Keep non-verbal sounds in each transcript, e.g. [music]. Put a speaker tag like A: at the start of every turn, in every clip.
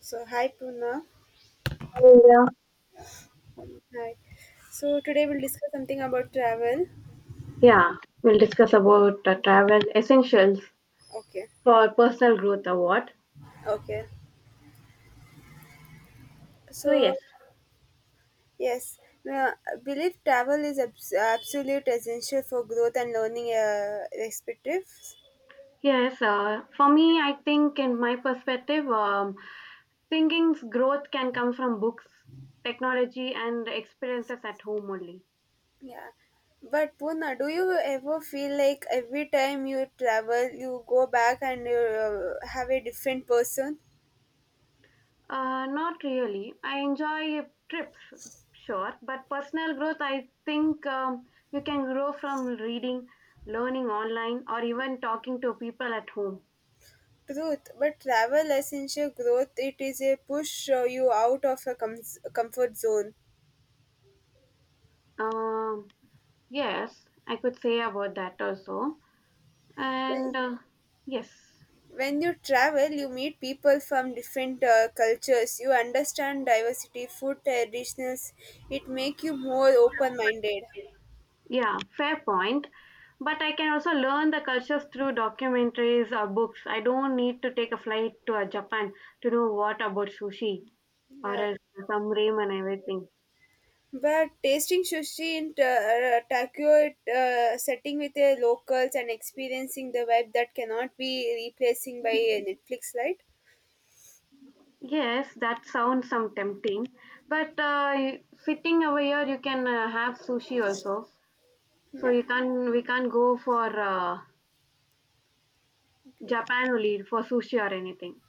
A: So, hi Puna.
B: Yeah,
A: Hi. So, today we'll discuss something about travel.
B: yeah. We'll discuss about the travel essentials
A: Okay.
B: for personal growth award.
A: Okay.
B: So
A: So,
B: yes,
A: yes, now, I believe travel is absolute essential for growth and learning, respectives.
B: yes. For me, I think in my perspective, thinking's growth can come from books, technology, and experiences at home only.
A: Yeah. But Puna, do you ever feel like every time you travel, you go back and you have a different person?
B: Not really. I enjoy trips, sure, but personal growth, I think you can grow from reading, learning online, or even talking to people at home.
A: Truth, but travel essential growth. It is a push you out of a comfort zone.
B: Um, Yes, I could say about that also. And yes,
A: When you travel you meet people from different cultures, you understand diversity, food, traditions. It make you more open minded.
B: yeah, fair point. But I can also learn the cultures through documentaries or books. I don't need to take a flight to Japan to know what about sushi or
A: Yeah,
B: else some ramen and everything.
A: but tasting sushi in Tokyo, setting with the locals and experiencing the vibe that cannot be replacing by Netflix, right?
B: Yes, that sounds some tempting. But sitting over here, you can have sushi also. So
A: Yeah.
B: you can we can't go for
A: Okay.
B: Japan only for sushi or anything.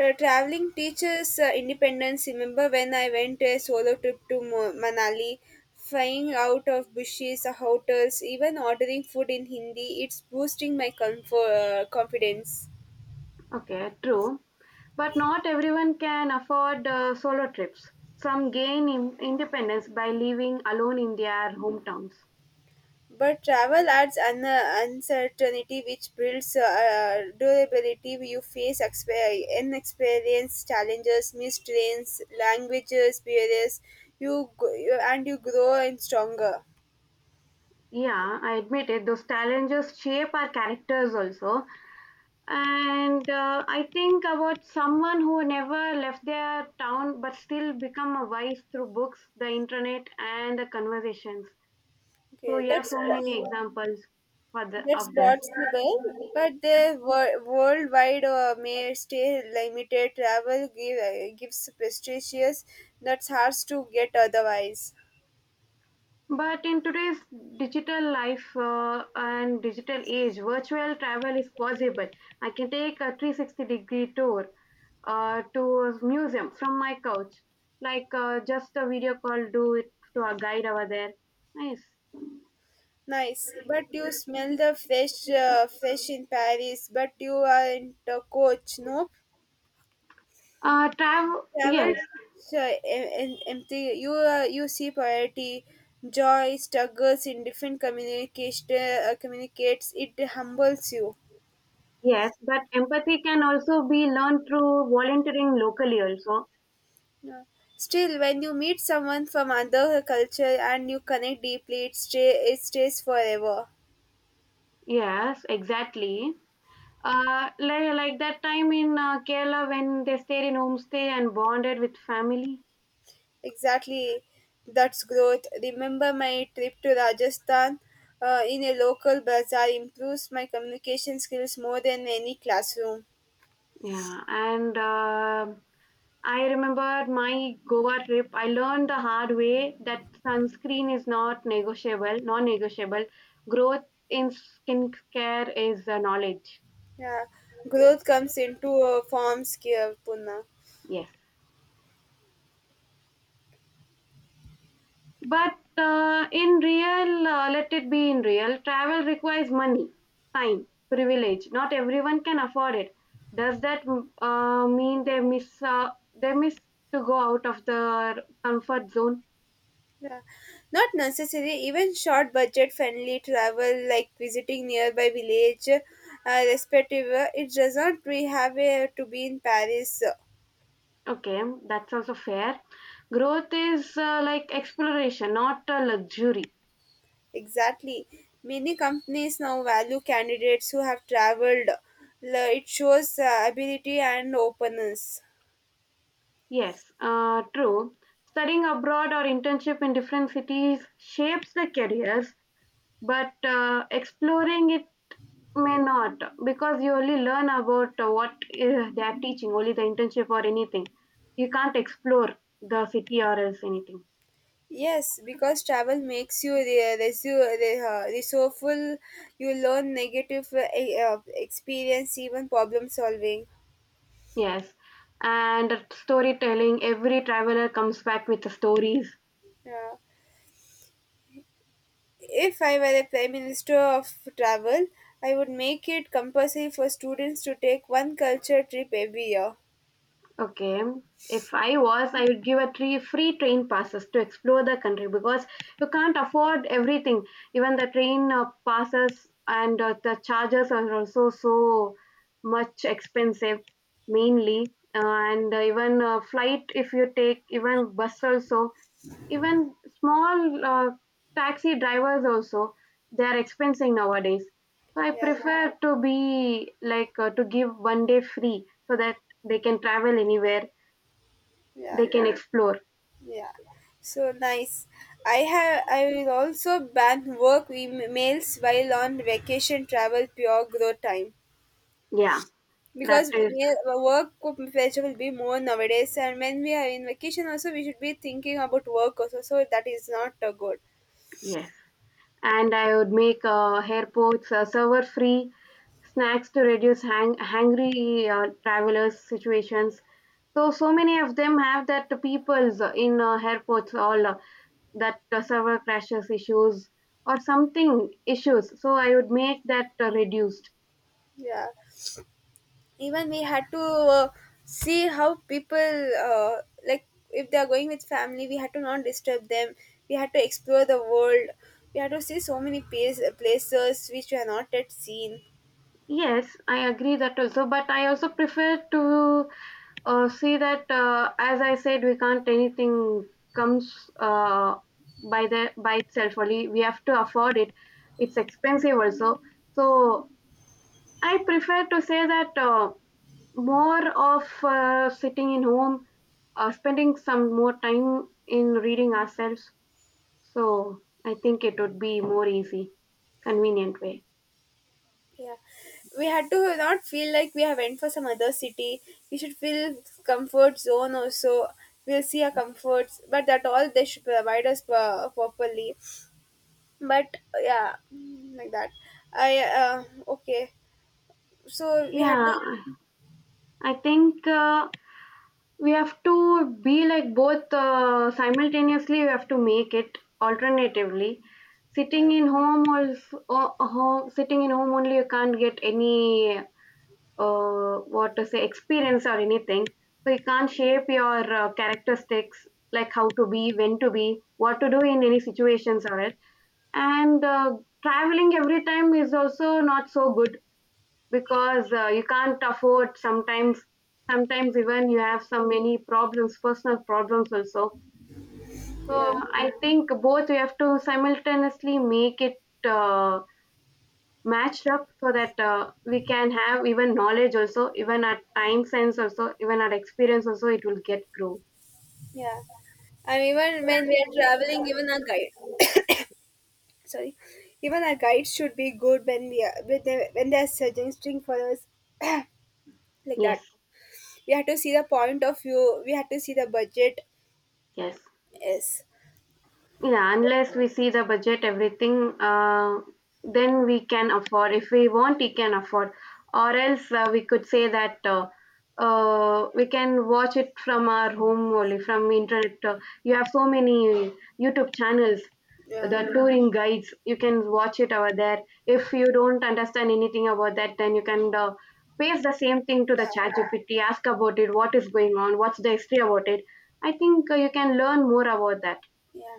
A: Traveling teaches independence. Remember when I went a solo trip to Manali, flying out of bushes, hotels, even ordering food in Hindi. It's boosting my comfort, confidence.
B: Okay, true. But not everyone can afford solo trips. Some gain in independence by living alone in their hometowns.
A: But travel adds an uncertainty, which builds durability. You face inexperienced challenges, missed trains, languages, barriers. You and you grow and stronger.
B: Yeah, I admit it. Those challenges shape our characters also. And I think about someone who never left their town but still become a wise through books, the internet, and the conversations. So,
A: Okay,
B: yeah,
A: that's
B: so
A: what.
B: many examples for
A: That's
B: of this.
A: possible, but the worldwide may stay limited. Travel gives prestigious that's hard to get otherwise.
B: But in today's digital life and digital age, virtual travel is possible. I can take a 360-degree tour to a museum from my couch, like just a video call, do it to a guide over there. Nice.
A: Nice, but you smell the fresh in Paris, but you aren't a coach. No,
B: Travel,
A: travel
B: yes,
A: teach, empty. You see poverty, joy, struggles in different communication communicates. It humbles you.
B: yes, but empathy can also be learned through volunteering locally, also.
A: Yeah. Still, when you meet someone from another culture and you connect deeply, it stays forever.
B: Yes, exactly. Like that time in Kerala when they stayed in homestay and bonded with family.
A: Exactly, that's growth. Remember my trip to Rajasthan in a local bazaar improves my communication skills more than any classroom.
B: Yeah, and I remember my Goa trip. I learned the hard way that sunscreen is not negotiable, non-negotiable. Growth in skincare is knowledge.
A: Yeah, growth comes in two forms here, Puna.
B: Yes, but in real, let it be in real. Travel requires money, time, privilege. Not everyone can afford it. Does that mean they miss to go out of their comfort zone?
A: Yeah. Not necessary, even short budget friendly travel like visiting nearby village, respective, it does not, we have to be in Paris.
B: Okay, that's also fair. Growth is like exploration, not a luxury.
A: Exactly. Many companies now value candidates who have traveled. It shows ability and openness.
B: Yes, true. Studying abroad or internship in different cities shapes the careers, but exploring it may not because you only learn about what they are teaching, only the internship or anything. You can't explore the city or else anything.
A: Yes, because travel makes you resourceful, you learn negative experience, even problem solving.
B: Yes, and storytelling, every traveler comes back with the stories.
A: Yeah. If I were a Prime Minister of Travel, I would make it compulsory for students to take one culture trip every year.
B: Okay. If I was, I would give a three free train passes to explore the country because you can't afford everything. Even the train passes and the charges are also so much expensive, mainly. And even flight, if you take even bus also, even small taxi drivers also they are expensing nowadays. So I
A: Yeah,
B: prefer to be like to give 1 day free so that they can travel anywhere,
A: yeah,
B: they can explore.
A: yeah. So nice. I have. I will also ban work emails while on vacation, travel pure growth time,
B: Yeah, that
A: because
B: is
A: we- work pressure will be more nowadays, and when we are in vacation also we should be thinking about work also. So that is not good.
B: yes. And I would make airports server free snacks to reduce hangry travelers situations. So so many of them have that people's in airports all that server crashes issues or something issues. So I would make that reduced.
A: Yeah. Even we had to see how people like if they are going with family, we had to not disturb them, we had to explore the world, we had to see so many places which we have not yet seen.
B: Yes, I agree that also, but I also prefer to uh, see that as I said, we can't anything comes by the by itself only. We have to afford it. It's expensive also. So I prefer to say that more of sitting in home, spending some more time in reading ourselves. So I think it would be more easy, convenient way.
A: Yeah, we had to not feel like we have went for some other city, we should feel comfort zone also, we'll see our comforts but that all they should provide us properly. But yeah, like that. I Okay, so we had
B: Yeah,
A: to,
B: I think we have to be like both simultaneously we have to make it alternatively sitting in home also sitting in home only you can't get any what to say experience or anything, so you can't shape your characteristics like how to be when to be what to do in any situations or it. And traveling every time is also not so good because you can't afford sometimes, sometimes even you have so many problems personal problems also. So
A: yeah.
B: I think both we have to simultaneously make it uh, matched up so that we can have even knowledge also even our time sense also even our experience also it will get grow.
A: Yeah. And even when we are traveling, even our guide, [coughs] sorry, even our guides should be good when we are when they are suggesting for us [coughs] like that.
B: Yes,
A: We have to see the point of view. We have to see the budget.
B: yes.
A: Yes.
B: Yeah, unless we see the budget, everything, then we can afford. If we want, we can afford. Or else we could say that we can watch it from our home only, from internet. You have so many YouTube channels,
A: Yeah.
B: the touring guides. You can watch it over there. If you don't understand anything about that, then you can paste the same thing to the
A: Yeah.
B: chat GPT, ask about it, what is going on, what's the history about it. I think you can learn more about that.
A: Yeah.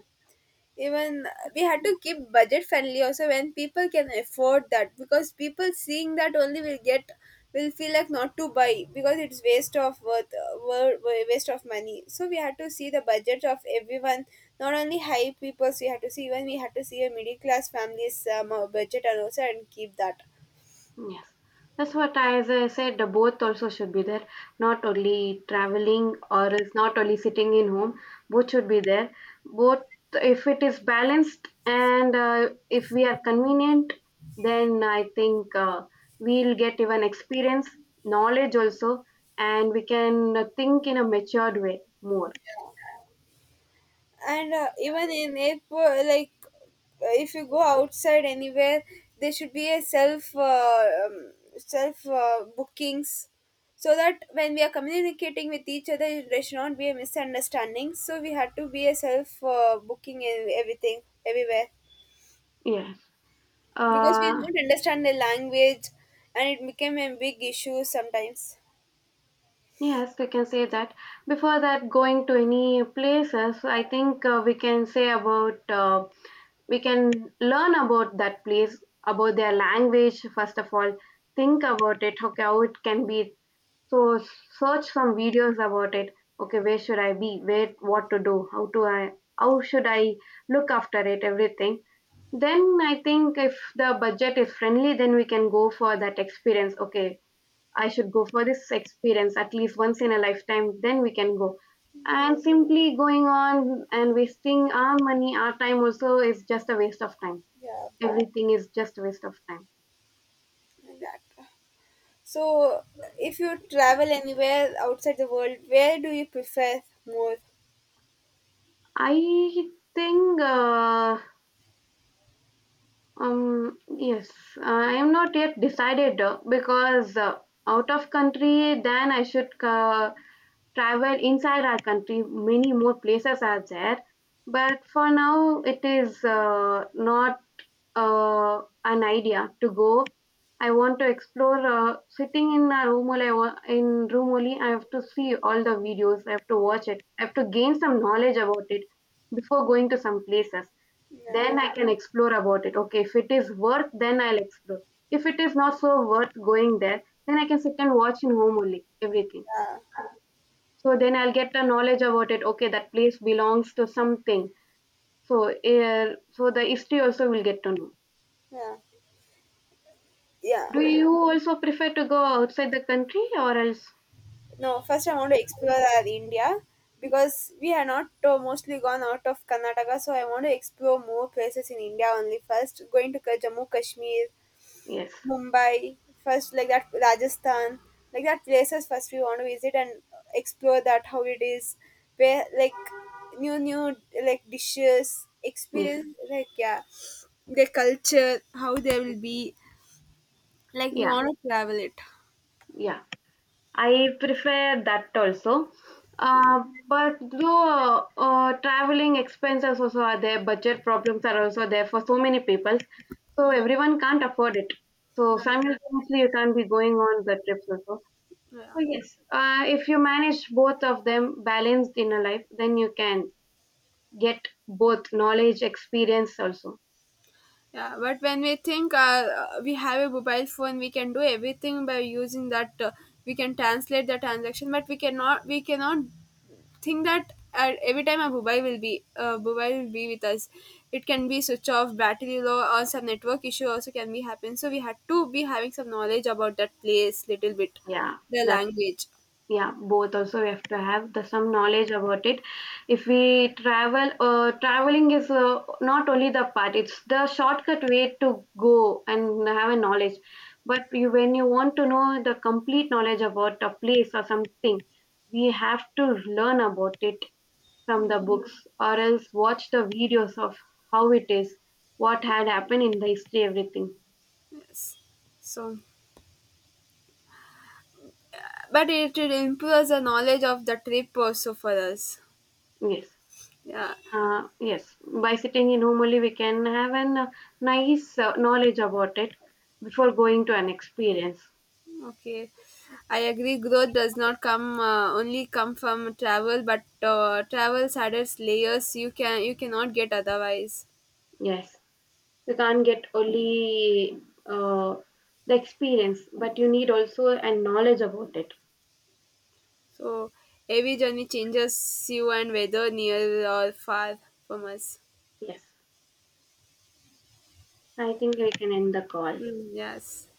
A: Even we had to keep budget friendly also when people can afford that, because people seeing that only will get, will feel like not to buy because it's waste of waste of money. So we had to see the budget of everyone, not only high people. So we had to see, even we had to see a middle class family's budget and also and keep that.
B: Yes, that's what I as I said. The both also should be there. Not only traveling or is not only sitting in home. Both should be there. Both, if it is balanced and if we are convenient, then I think we'll get even experience, knowledge also, and we can think in a matured way more.
A: And even in airport like, if you go outside anywhere, there should be a self bookings, so that when we are communicating with each other there should not be a misunderstanding, so we had to be a self booking in everything everywhere,
B: Yes.
A: because we did
B: Uh,
A: not understand the language and it became a big issue sometimes.
B: yes, we can say that. Before that, going to any places, I think we can say about. We can learn about that place, about their language. First of all think about it, okay, how it can be, so search some videos about it. Okay, where should I be, where what to do, how should I look after it, everything. Then I think if the budget is friendly then we can go for that experience. Okay, I should go for this experience at least once in a lifetime, then we can go and
A: Mm,
B: simply going on and wasting our money our time also is just a waste of time.
A: yeah,
B: Everything is just a waste of time.
A: like that. So, if you travel anywhere outside the world, where do you prefer more?
B: I think, yes, I am not yet decided because out of country, then I should travel inside our country. Many more places are there, but for now, it is not an idea to go. I want to explore. Sitting in a room only, in room only, I have to see all the videos. I have to watch it. I have to gain some knowledge about it before going to some places.
A: Yeah,
B: Then I can explore about it. Okay, if it is worth, then I'll explore. If it is not so worth going there, then I can sit and watch in home only everything.
A: yeah,
B: So then I'll get the knowledge about it. Okay, that place belongs to something. So, so the history also will get to know.
A: yeah, yeah.
B: Do you also prefer to go outside the country or else?
A: No, first I want to explore our India because we are not mostly gone out of Karnataka. So I want to explore more places in India only. First, going to Jammu Kashmir,
B: Yes,
A: Mumbai, first like that Rajasthan, like that places first we want to visit and explore that how it is, where like new new like dishes,
B: yes,
A: experience like, yeah, their culture, how they will be, like we
B: yeah,
A: want to travel it.
B: yeah. I prefer that also.
A: Yeah,
B: But though traveling expenses also are there, budget problems are also there for so many people. So everyone can't afford it. So
A: yeah,
B: simultaneously, you can't be going on the trips also.
A: yeah.
B: So yes, if you manage both of them balanced in a life, then you can get both knowledge, experience also.
A: Yeah, but when we think we have a mobile phone, we can do everything by using that. We can translate the transaction, but we cannot. We cannot think that at every time a mobile will be with us, it can be switch off, battery low, or some network issue also can be happen, so we had to be having some knowledge about that place little bit,
B: Yeah,
A: the
B: that's
A: language.
B: yeah, both also we have to have the some knowledge about it. If we travel, traveling is not only the part, it's the shortcut way to go and have a knowledge. But you, when you want to know the complete knowledge about a place or something, we have to learn about it from
A: Yeah,
B: the books or else watch the videos of how it is, what had happened in the history, everything.
A: yes, so but it improves the knowledge of the trip also for us.
B: Yes.
A: Yeah.
B: Yes, by sitting in normally we can have an nice knowledge about it before going to an experience.
A: Okay, I agree growth does not come only come from travel, but travels adds layers you can, you cannot get otherwise.
B: Yes, you can't get only uh, the experience, but you need also a knowledge about it.
A: So every journey changes you, and whether near or far from us.
B: Yes, I think we can end the call.
A: Mm, yes.